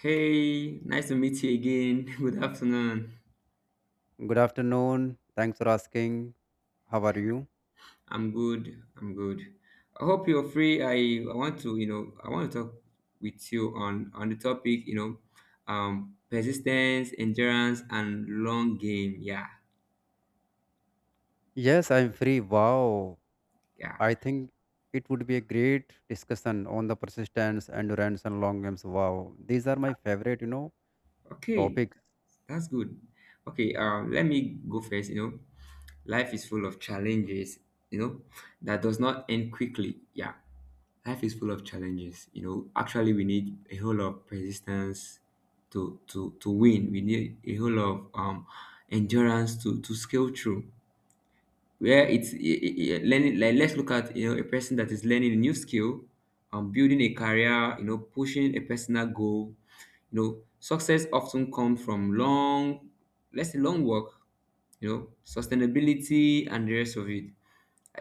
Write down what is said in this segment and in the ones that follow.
Hey, nice to meet you again. Good afternoon. Good afternoon. Thanks for asking. How are you? I'm good. I'm good. I hope you're free. I want to, I want to talk with you on the topic, persistence, endurance, and long game. Yeah, Yes, I'm free. Wow. yeah. I think it would be a great discussion on the persistence, endurance, and long games. Wow. These are my favorite, Okay, topics. that's good. Okay, let me go first. You know, life is full of challenges. You know, that does not end quickly. Yeah, life is full of challenges, you know, actually we need a whole lot of persistence to win. We need a whole lot of endurance to scale through where it's learning. Like, let's look at, you know, a person that is learning a new skill, building a career, you know, pushing a personal goal. You know, success often comes from long, let's say long work, you know, sustainability and the rest of it.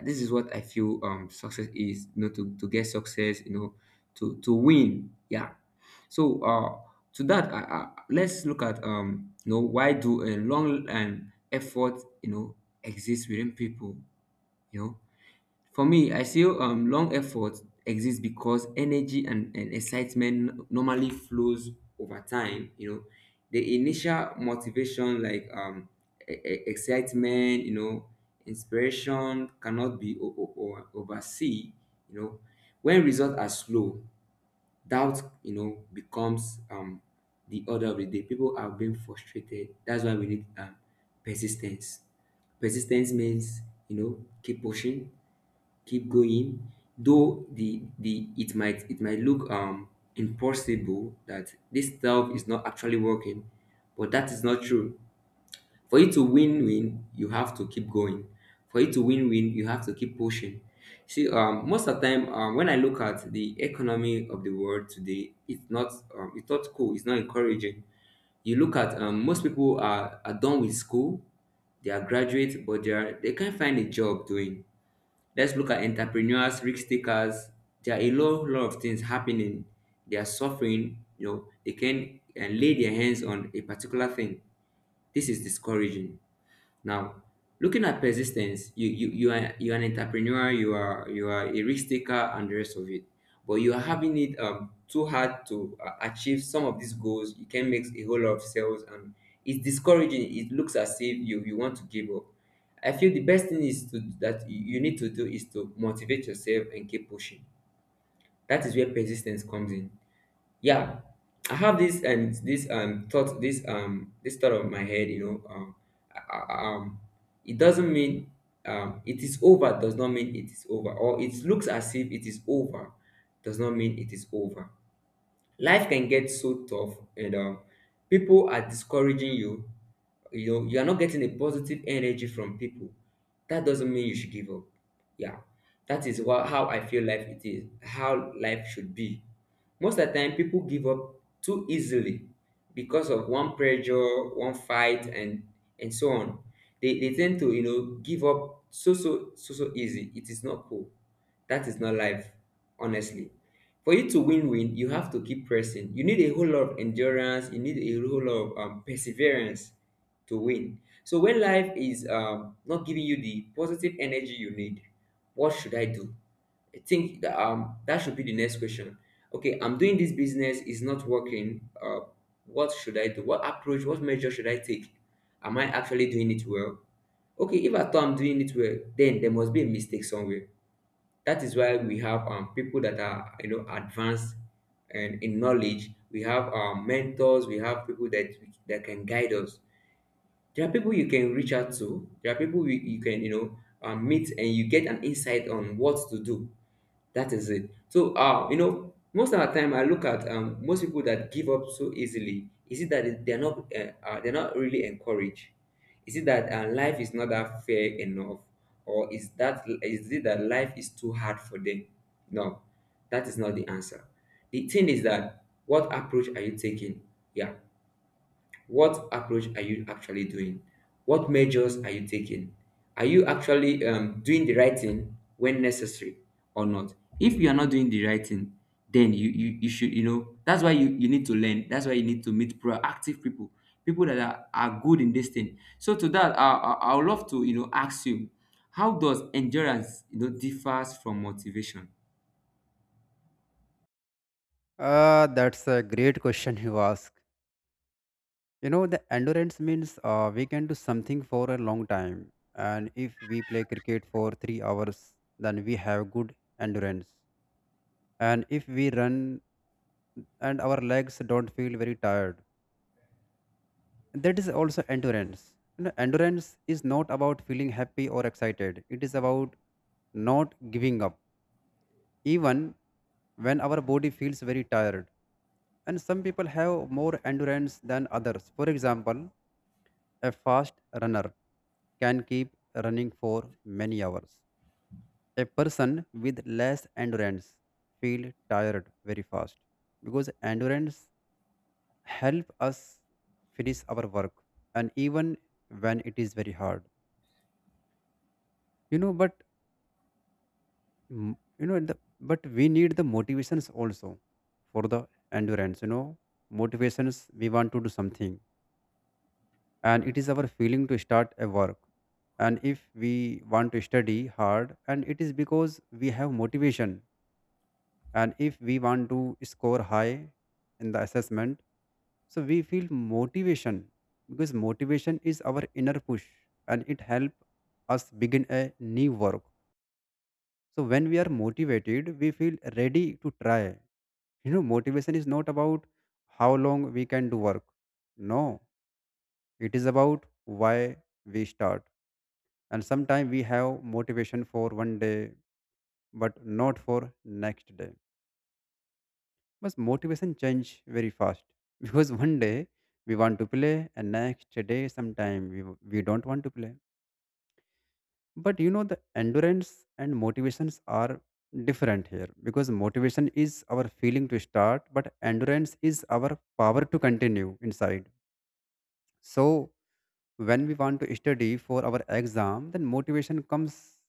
This is what I feel success is. You know, to get success, you know, to win. Yeah, so to that, let's look at you know, why do a long and effort, you know, exist within people? You know, for me, I feel long effort exists because energy and excitement normally flows over time. You know, the initial motivation, like excitement, you know, inspiration cannot be oversee. You know, when results are slow, doubt, you know, becomes the order of the day. People are being frustrated. That's why we need persistence. Persistence means, you know, keep pushing, keep going, though the it might, it might look impossible, that this stuff is not actually working. But that is not true. For you to win you have to keep going. For you to win you have to keep pushing. See, most of the time, when I look at the economy of the world today, it's not cool, it's not encouraging. You look at most people are done with school. They are graduate but they can't find a job doing. Let's look at entrepreneurs, risk takers. There are a lot of things happening. They are suffering. You know, they can and lay their hands on a particular thing. This is discouraging. Now, looking at persistence, you are you are an entrepreneur, you are a risk taker, and the rest of it. But you are having it too hard to achieve some of these goals. You can make a whole lot of sales, and it's discouraging. It looks as if you want to give up. I feel the best thing is to that you need to do is to motivate yourself and keep pushing. That is where persistence comes in. Yeah, I have this and this thought, this thought of my head, you know. I- I- um it doesn't mean, it is over. Does not mean it is over, or it looks as if it is over, does not mean it is over. Life can get so tough and people are discouraging you. You know, you are not getting a positive energy from people. That doesn't mean you should give up. Yeah, that is what how I feel life it is, how life should be. Most of the time, people give up too easily because of one pressure, one fight, and so on. They tend to, you know, give up so easy. It is not cool. That is not life, honestly. For you to win, you have to keep pressing. You need a whole lot of endurance. You need a whole lot of perseverance to win. So when life is not giving you the positive energy you need, what should I do? I think that, that should be the next question. Okay, I'm doing this business, it's not working. What should I do? What approach, what measure should I take? Am I actually doing it well? Okay, if I thought I'm doing it well, then there must be a mistake somewhere. That is why we have people that are, you know, advanced and in knowledge. We have mentors. We have people that can guide us. There are people you can reach out to. There are people you can, you know, meet and you get an insight on what to do. That is it. So, you know, most of the time I look at most people that give up so easily. Is it that they're not really encouraged? Is it that life is not that fair enough, or is it that life is too hard for them? No, that is not the answer. The thing is that, what approach are you taking? Yeah, what approach are you actually doing? What measures are you taking? Are you actually doing the right thing when necessary or not? If you are not doing the right thing, then you should, you know, that's why you need to learn. That's why you need to meet proactive people, people that are good in this thing. So to that, I would love to, you know, ask you, how does endurance, you know, differs from motivation? That's a great question you ask. You know, the endurance means we can do something for a long time. And if we play cricket for 3 hours, then we have good endurance. And if we run and our legs don't feel very tired, that is also endurance. You know, endurance is not about feeling happy or excited. It is about not giving up even when our body feels very tired. And some people have more endurance than others. For example, a fast runner can keep running for many hours. A person with less endurance feel tired very fast because endurance help us finish our work, and even when it is very hard. You know, but you know, but we need the motivations also for the endurance. You know, motivations, we want to do something, and it is our feeling to start a work. And if we want to study hard, and it is because we have motivation. And if we want to score high in the assessment, so we feel motivation because motivation is our inner push, and it helps us begin a new work. So when we are motivated, we feel ready to try. You know, motivation is not about how long we can do work. No, it is about why we start. And sometimes we have motivation for one day but not for next day. But motivation change very fast because one day we want to play, and next day sometime we don't want to play. But you know the endurance and motivations are different here because motivation is our feeling to start, but endurance is our power to continue inside. So when we want to study for our exam, then motivation comes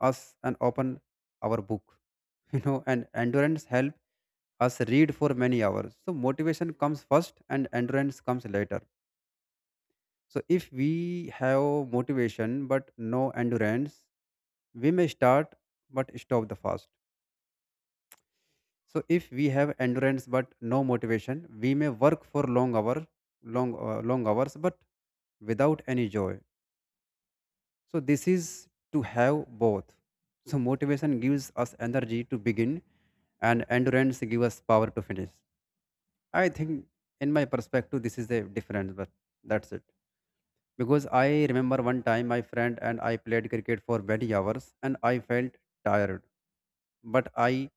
us and open our book, you know, and endurance help us read for many hours. So motivation comes first and endurance comes later. So if we have motivation but no endurance, we may start but stop the fast. So if we have endurance but no motivation, we may work for long hour, long hours but without any joy. So this is to have both. So motivation gives us energy to begin and endurance gives us power to finish. I think, in my perspective, this is a difference, but that's it. Because I remember one time my friend and I played cricket for many hours and I felt tired, but I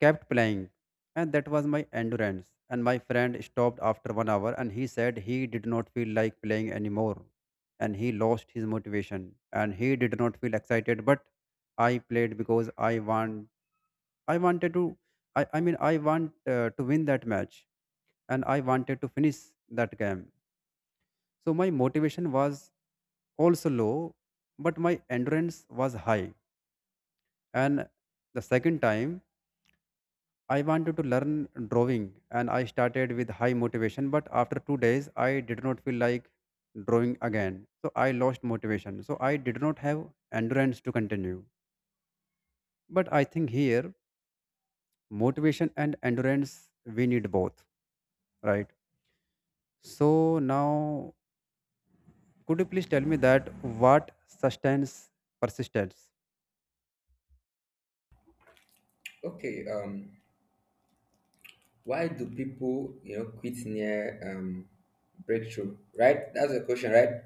kept playing, and that was my endurance. And my friend stopped after one hour and he said he did not feel like playing anymore, and he lost his motivation and he did not feel excited. But I played because I wanted to, I mean, I want to win that match, and I wanted to finish that game. So my motivation was also low, but my endurance was high. And the second time, I wanted to learn drawing and I started with high motivation, but after 2 days, I did not feel like drawing again. So I lost motivation. So I did not have endurance to continue. But I think here, motivation and endurance, we need both, right? So now, could you please tell me that what sustains persistence? Okay, why do people, you know, quit near breakthrough? Right? That's the question, right?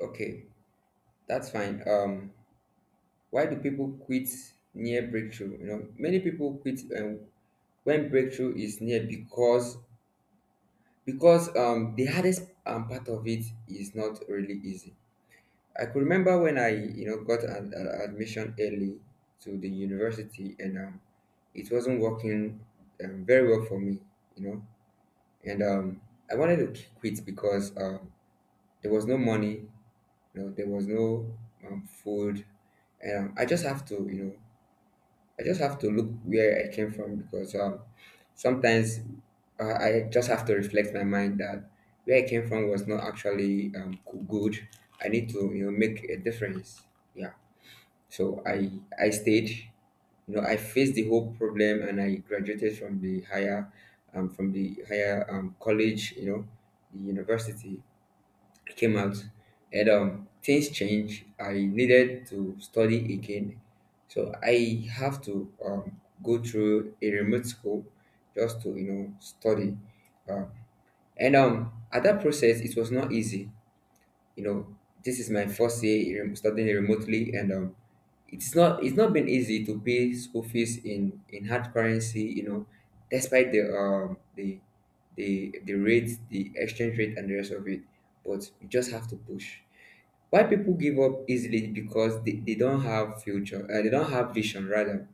Okay, that's fine. Why do people quit near breakthrough? You know, many people quit when breakthrough is near because the hardest part of it is not really easy. I could remember when I, you know, got an admission early to the university, and it wasn't working very well for me. You know, and I wanted to quit because there was no money, you know, there was no food, and I just have to, you know, I just have to look where I came from, because sometimes I just have to reflect my mind that where I came from was not actually good. I need to, you know, make a difference. Yeah. So I stayed, you know, I faced the whole problem and I graduated from the higher college, you know, the university. I came out and things changed. I needed to study again. So I have to go through a remote school just to, you know, study. Um, and at that process it was not easy, you know. This is my first year studying remotely, and it's not, it's not been easy to pay school fees in hard currency, you know, despite the the rate, the exchange rate and the rest of it. But you just have to push. Why people give up easily is because they don't have future, they don't have vision, rather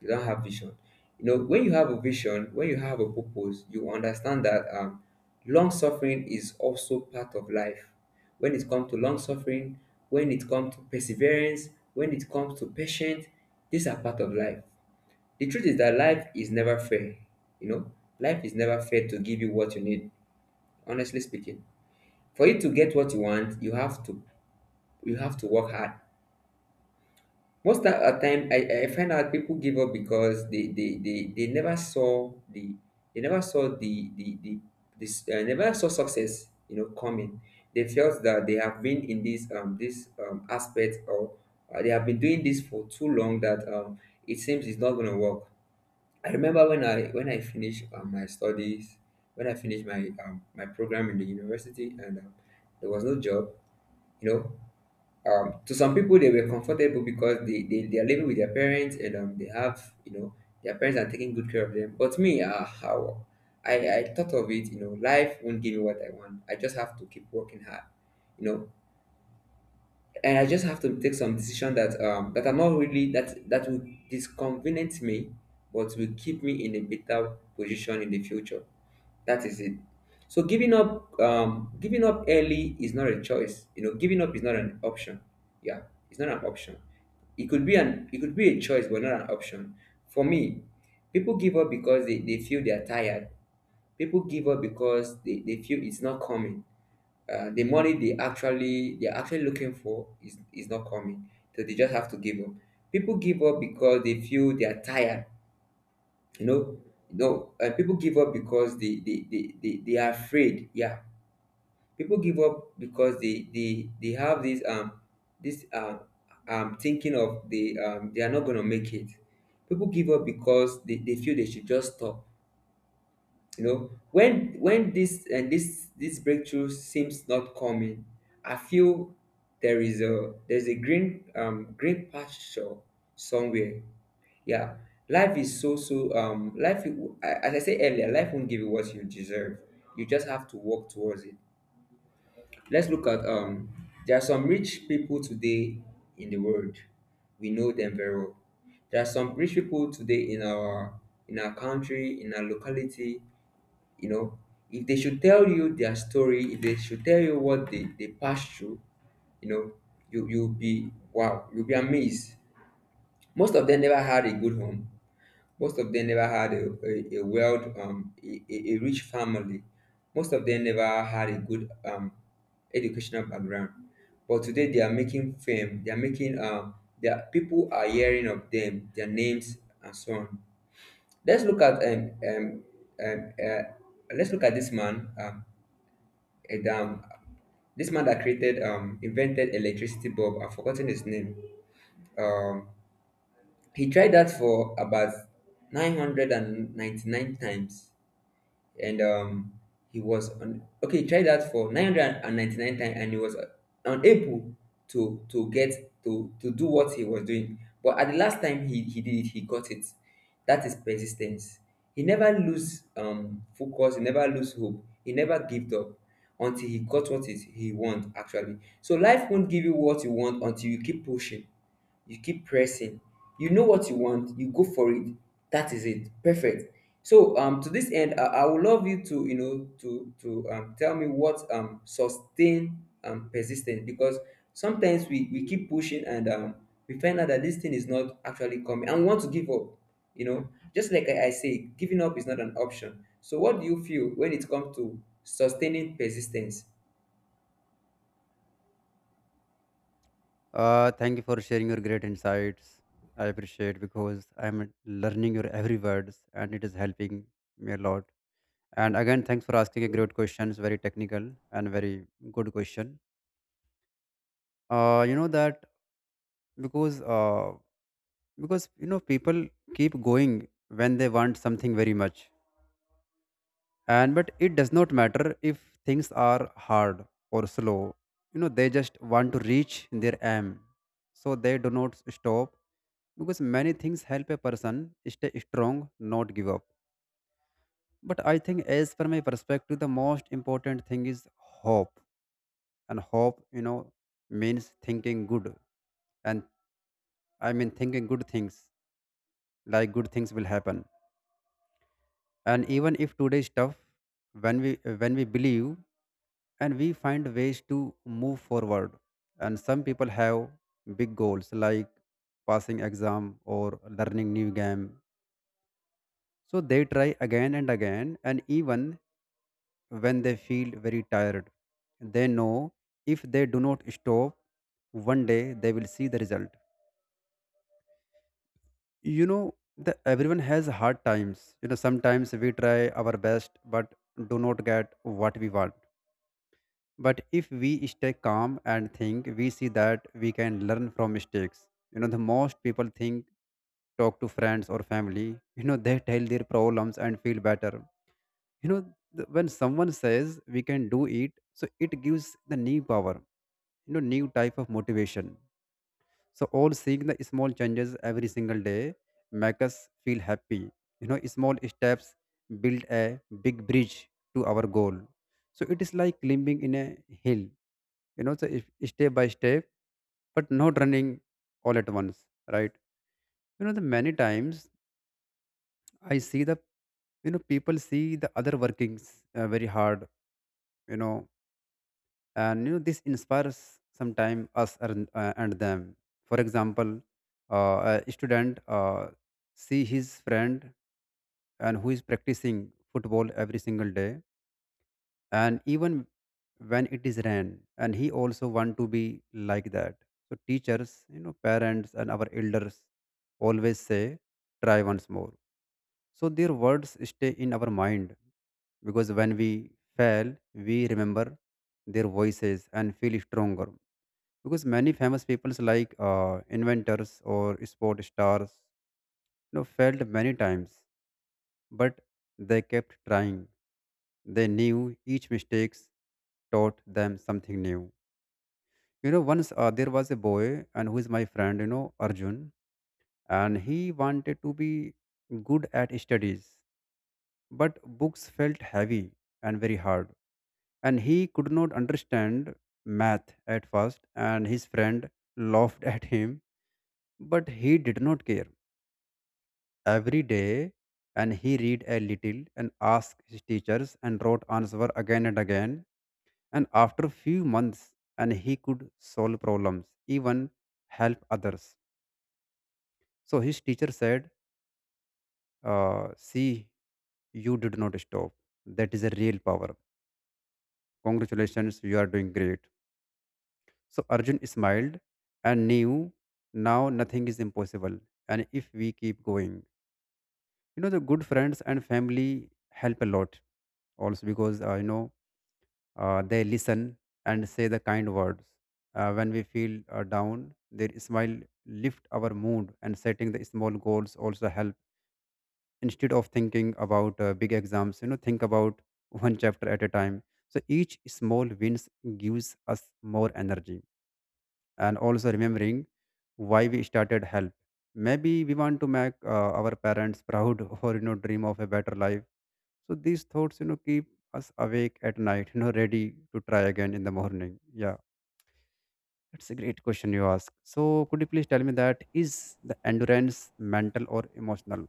you don't have vision. You know, when you have a vision, when you have a purpose, you understand that long suffering is also part of life. When it comes to long suffering, when it comes to perseverance, when it comes to patience, these are part of life. The truth is that life is never fair. You know, life is never fair to give you what you need. Honestly speaking, for you to get what you want, you have to work hard. At time, I find out people give up because they never saw the, they never saw the this never saw success, you know, coming. They felt that they have been in this aspect, or they have been doing this for too long that it seems it's not gonna work. I remember when I, when I finished my studies, when I finished my my program in the university and there was no job, you know. To some people they were comfortable because they are living with their parents and they have, you know, their parents are taking good care of them. But me, ah, how I thought of it, you know, life won't give me what I want. I just have to keep working hard, you know. And I just have to take some decision that that I'm not really that will disconvenience me, but will keep me in a better position in the future. That is it. So giving up early is not a choice. You know, giving up is not an option. Yeah, it's not an option. It could be it could be a choice, but not an option. For me, people give up because they feel they are tired. People give up because they feel it's not coming. The money they're actually looking for is not coming. So they just have to give up. People give up because they feel they are tired you know People give up because they are afraid, yeah. People give up because they have this thinking of they are not gonna make it. People give up because they feel they should just stop, you know, when this and this this breakthrough seems not coming. I feel there is a there's a green green pasture somewhere. Yeah. life is so so life as I said earlier life won't give you what you deserve. You just have to work towards it. Let's look at There are some rich people today in the world. We know them very well. There are some rich people today in our country, in our locality. You know, if they should tell you their story, if they should tell you what they passed through, you know, you'll be wow, you'll be amazed. Most of them never had a good home. Most of them never had a well a rich family. Most of them never had a good educational background. But today they are making fame. They are making Their people are hearing of them, their names, and so on. Let's look at um um, um uh, let's look at this man. And This man that created, invented electricity bulb. I've forgotten his name. Um, he tried that for about 999 times, and he was on. Okay. He tried that for 999 times, and he was unable to get to do what he was doing. But at the last time he did it, he got it. That is persistence. He never lose focus. He never lose hope. He never gave up until he got what is he want actually. So life won't give you what you want until you keep pushing, you keep pressing. You know what you want, you go for it. That is it. Perfect. So to this end, I would love you to, you know, to tell me what sustain persistence. Because sometimes we keep pushing, and we find out that this thing is not actually coming and we want to give up, you know. Just like I say, giving up is not an option. So what do you feel when it comes to sustaining persistence? Thank you for sharing your great insights. I appreciate because I'm learning your every words and it is helping me a lot. And again, thanks for asking a great question. It's very technical and very good question. You know that because uh, because you know, people keep going when they want something very much. And, but it does not matter if things are hard or slow. You know, they just want to reach their aim, so they do not stop because many things help a person stay strong, not give up. But I think, as per my perspective, the most important thing is hope. And hope, you know, means thinking good. And I mean, thinking good things, like good things will happen. And even if today is tough, when we when we believe and we find ways to move forward. And some people have big goals, like passing exam or learning new game. So they try again and again. And even when they feel very tired, they know if they do not stop, one day they will see the result. You know, everyone has hard times. You know, sometimes we try our best but do not get what we want. But if we stay calm and think, we see that we can learn from mistakes. You know, the most people think, talk to friends or family. You know, they tell their problems and feel better. You know, when someone says we can do it, so it gives the new power, you know, new type of motivation. So all seeing the small changes every single day make us feel happy. You know, small steps build a big bridge to our goal. So it is like climbing in a hill. You know, so if step by step, but not running all at once, right? You know, the many times I see the you know, people see the other workings, very hard. You know, and you know, this inspires sometime us and them. For example, a student, see his friend, and who is practicing football every single day, and even when it is rain, and he also want to be like that. So teachers, you know, parents and our elders always say try once more. So their words stay in our mind because when we fail, we remember their voices and feel stronger because many famous peoples, like inventors or sport stars, you know, failed many times, but they kept trying. They knew each mistakes taught them something new. You know, once there was a boy, and who is my friend, you know, Arjun. And he wanted to be good at studies, but books felt heavy and very hard, and he could not understand math at first, and his friend laughed at him. But he did not care. Every day, and he read a little and asked his teachers and wrote answer again and again. And after few months, and he could solve problems, even help others. So his teacher said, "See, you did not stop. That is a real power. Congratulations, you are doing great." So Arjun smiled and knew now nothing is impossible, and if we keep going. You know, the good friends and family help a lot also because, you know, they listen and say the kind words when we feel down. Their smile lift our mood. And setting the small goals also help. Instead of thinking about big exams, you know, think about one chapter at a time. So each small wins gives us more energy. And also remembering why we started help. Maybe we want to make our parents proud or, you know, dream of a better life. So these thoughts, you know, keep us awake at night, you know, ready to try again in the morning. Yeah, that's a great question you ask. So could you please tell me that is the endurance mental or emotional?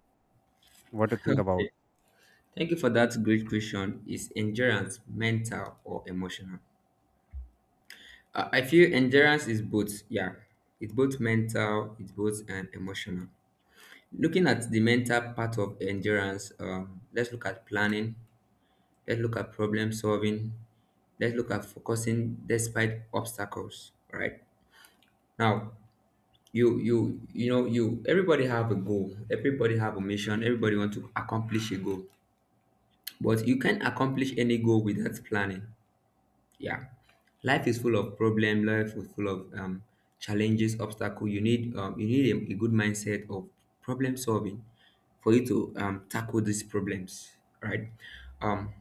What do you think about? Thank you for that great question. Is endurance mental or emotional? I feel endurance is both, yeah, it's both mental, it's both and emotional. Looking at the mental part of endurance, let's look at planning, let's look at problem solving, let's look at focusing despite obstacles. Right now, you know you everybody have a goal, everybody have a mission, everybody want to accomplish a goal, but you can't accomplish any goal without planning. Yeah. Life is full of problem, life is full of challenges, obstacle. You need a good mindset of problem solving for you to tackle these problems. Right. um,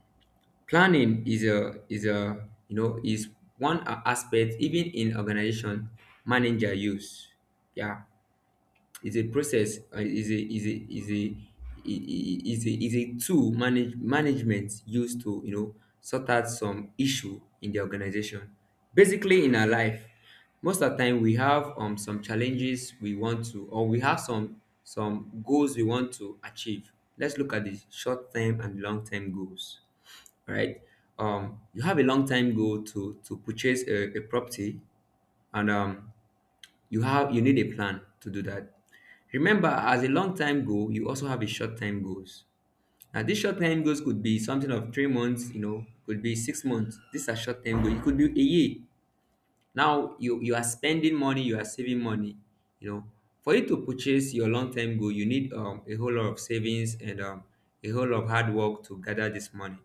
Planning is a you know is one aspect, even in organization manager use. Yeah. Is a process, is a tool management used to, you know, sort out some issue in the organization. Basically, in our life, most of the time we have some challenges we want to, or we have some goals we want to achieve. Let's look at the short term and long term goals. All right. You have a long time goal to purchase a property. And you need a plan to do that. Remember, as a long time goal, you also have a short time goals. Now, these short time goals could be something of 3 months, you know, could be 6 months. These are short time goals. It could be a year. Now, you are spending money, you are saving money, you know. For you to purchase your long-term goal, you need a whole lot of savings, and a whole lot of hard work to gather this money.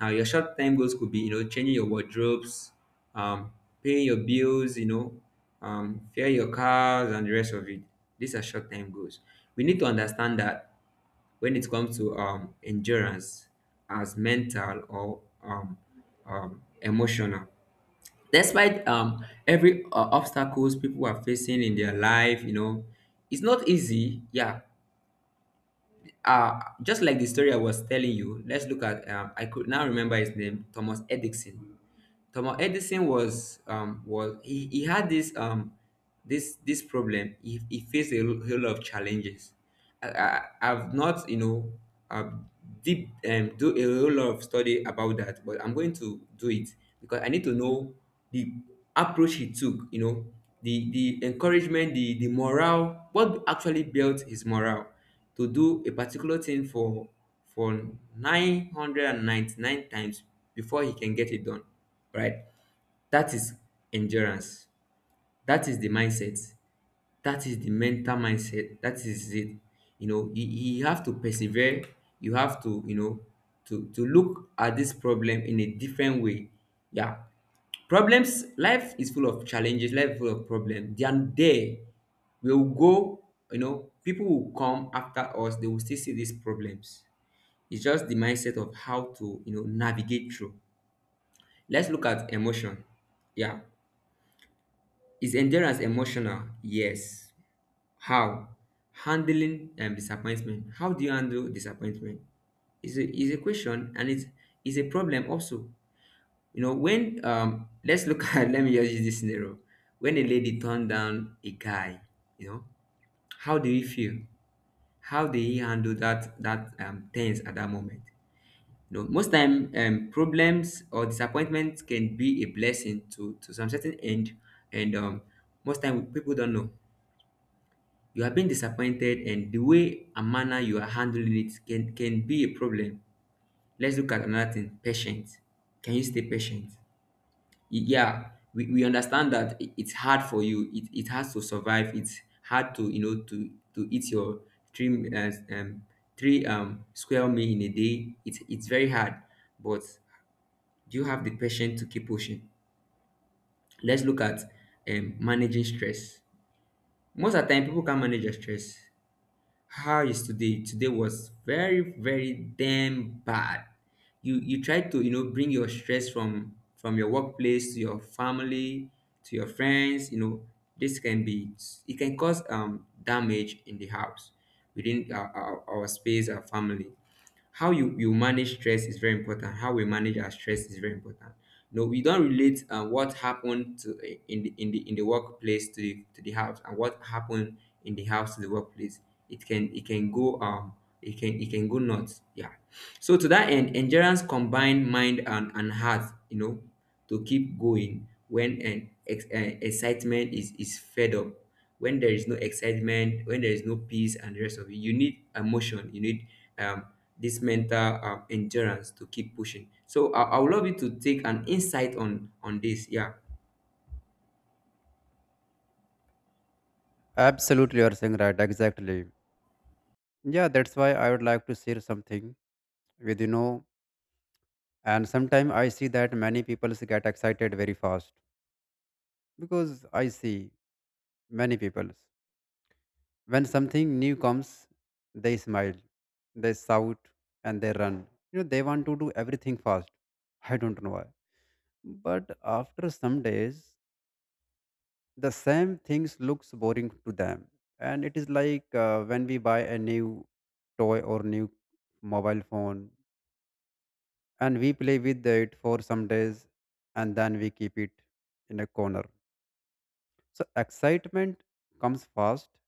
Now, your short-term goals could be, you know, changing your wardrobes, um, paying your bills, you know, fare your cars, and the rest of it. These are short-term goals. We need to understand that when it comes to endurance as mental or emotional. Despite every obstacles people are facing in their life, you know, it's not easy. Yeah. Just like the story I was telling you, let's look at. I could now remember his name, Thomas Edison. Thomas Edison was. He had this problem. He faced a whole lot of challenges. I've not, you know, uh, deep do a whole lot of study about that, but I'm going to do it because I need to know the approach he took. You know, the encouragement, the morale, what actually built his morale to do a particular thing for 999 times before he can get it done, right? That is endurance. That is the mindset. That is the mental mindset. That is it. You know, you have to persevere. You have to, you know, to look at this problem in a different way. Yeah. Problems. Life is full of challenges, life is full of problems. They are there. We'll go, you know, people will come after us, they will still see these problems. It's just the mindset of how to, you know, navigate through. Let's look at emotion. Yeah. Is endurance emotional? Yes. How? Handling and disappointment. How do you handle disappointment? Is a question, and it's is a problem also. You know, when let's look at, let me just use this scenario. When a lady turned down a guy, you know, how do you feel? How do you handle that tense at that moment? You know, most time problems or disappointments can be a blessing to some certain end. And most time people don't know. You are being disappointed, and the way and manner you are handling it can be a problem. Let's look at another thing, patience. Can you stay patient? Yeah, we understand that it's hard for you, it has to survive. It's hard to, you know, to eat your three uh, um three square meal in a day. It's very hard. But do you have the patience to keep pushing? Let's look at managing stress. Most of the time people can manage their stress. How is today? Today was very, very damn bad. You try to, you know, bring your stress from your workplace to your family, to your friends. You know, this can be it can cause damage in the house, within our space, our family. How you manage stress is very important. How we manage our stress is very important. No, we don't relate what happened to, in the workplace, to the house, and what happened in the house to the workplace. It can it can go nuts. Yeah. So to that end, endurance combine mind and, heart, you know, to keep going when excitement is fed up. When there is no excitement, when there is no peace and the rest of it, you need emotion. You need um this mental endurance to keep pushing. So I would love you to take an insight on this. Yeah. Absolutely, you're saying right. Exactly. Yeah, that's why I would like to share something with you know. And sometimes I see that many people get excited very fast because I see many people. When something new comes, they smile, they shout, and they run. You know, they want to do everything fast. I don't know why. But after some days, the same things looks boring to them. And it is like when we buy a new toy or new mobile phone, and we play with it for some days and then we keep it in a corner. So excitement comes fast,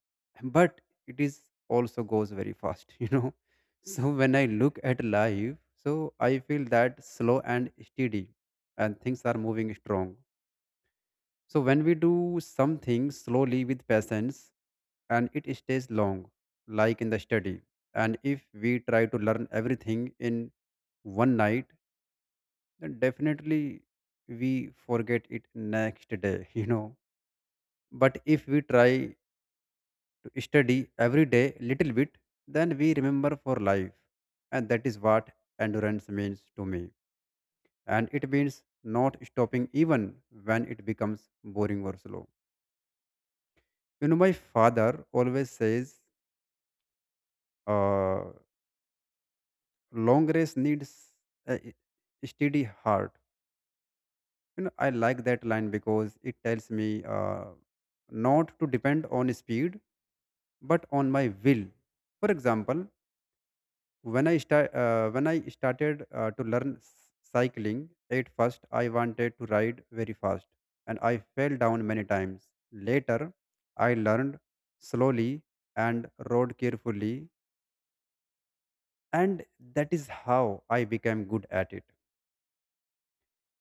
but it is also goes very fast, you know. So when I look at life, so I feel that slow and steady and things are moving strong. So when we do something slowly with patience, and it stays long, like in the study. And if we try to learn everything in one night, then definitely we forget it next day, you know. But if we try study every day little bit, then we remember for life. And that is what endurance means to me. And it means not stopping even when it becomes boring or slow. You know, my father always says, uh, long race needs a steady heart. You know, I like that line because it tells me, uh, not to depend on speed but on my will. For example, when I started to learn cycling. At first I wanted to ride very fast and I fell down many times. Later I learned slowly and rode carefully, and that is how I became good at it.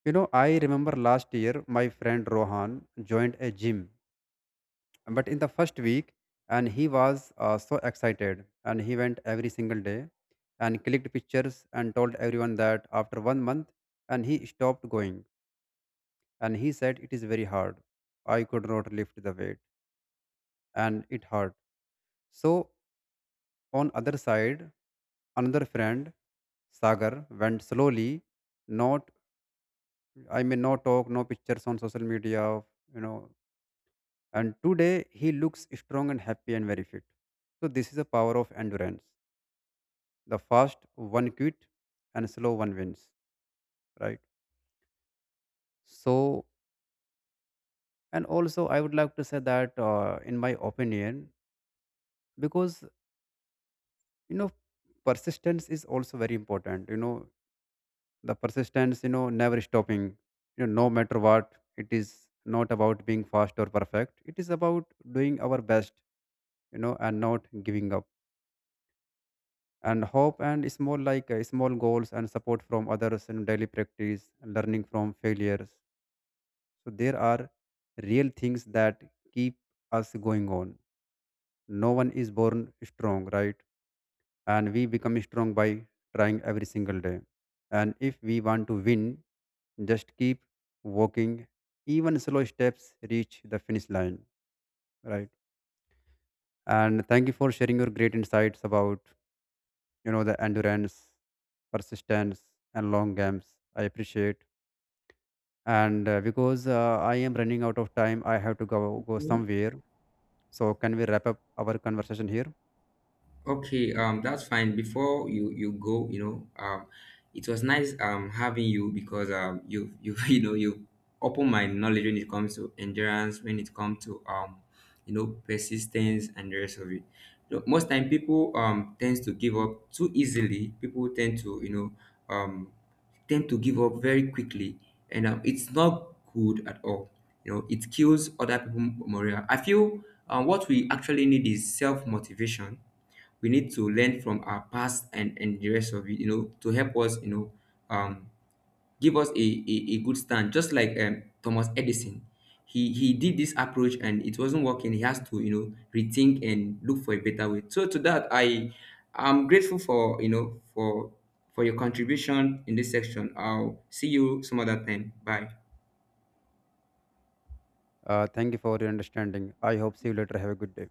You know, I remember last year my friend Rohan joined a gym. But in the first week, and he was so excited, and he went every single day and clicked pictures and told everyone. That after one month, and he stopped going. And he said it is very hard. I could not lift the weight, and it hurt. So on other side, another friend Sagar went slowly. Not, I mean, no talk, no pictures on social media, you know. And today he looks strong and happy and very fit. So this is the power of endurance. The fast one quit and slow one wins, right? So, and also I would like to say that, in my opinion, because you know, persistence is also very important. You know, the persistence, you know, never stopping, you know, no matter what it is. Not about being fast or perfect. It is about doing our best, you know, and not giving up. And hope and small, like, small goals and support from others and daily practice, learning from failures. So there are real things that keep us going on. No one is born strong, right? And we become strong by trying every single day. And if we want to win, just keep walking. Even slow steps reach the finish line, right? And thank you for sharing your great insights about, you know, the endurance, persistence, and long games. I appreciate. And because I am running out of time, I have to go somewhere. So, can we wrap up our conversation here? Okay, that's fine. Before you go, you know, it was nice having you, because you you know you open my knowledge when it comes to endurance, when it comes to, you know, persistence and the rest of it. You know, most time people tend to give up too easily. People tend to, you know, um tend to give up very quickly, and it's not good at all. You know, it kills other people morale. I feel what we actually need is self motivation. We need to learn from our past, and the rest of it, you know, to help us, you know, um give us a good stand, just like Thomas Edison. He did this approach and it wasn't working. He has to, you know, rethink and look for a better way. So to that, I'm grateful for, you know, for your contribution in this section. I'll see you some other time. Bye. Thank you for your understanding. I hope see you later. Have a good day.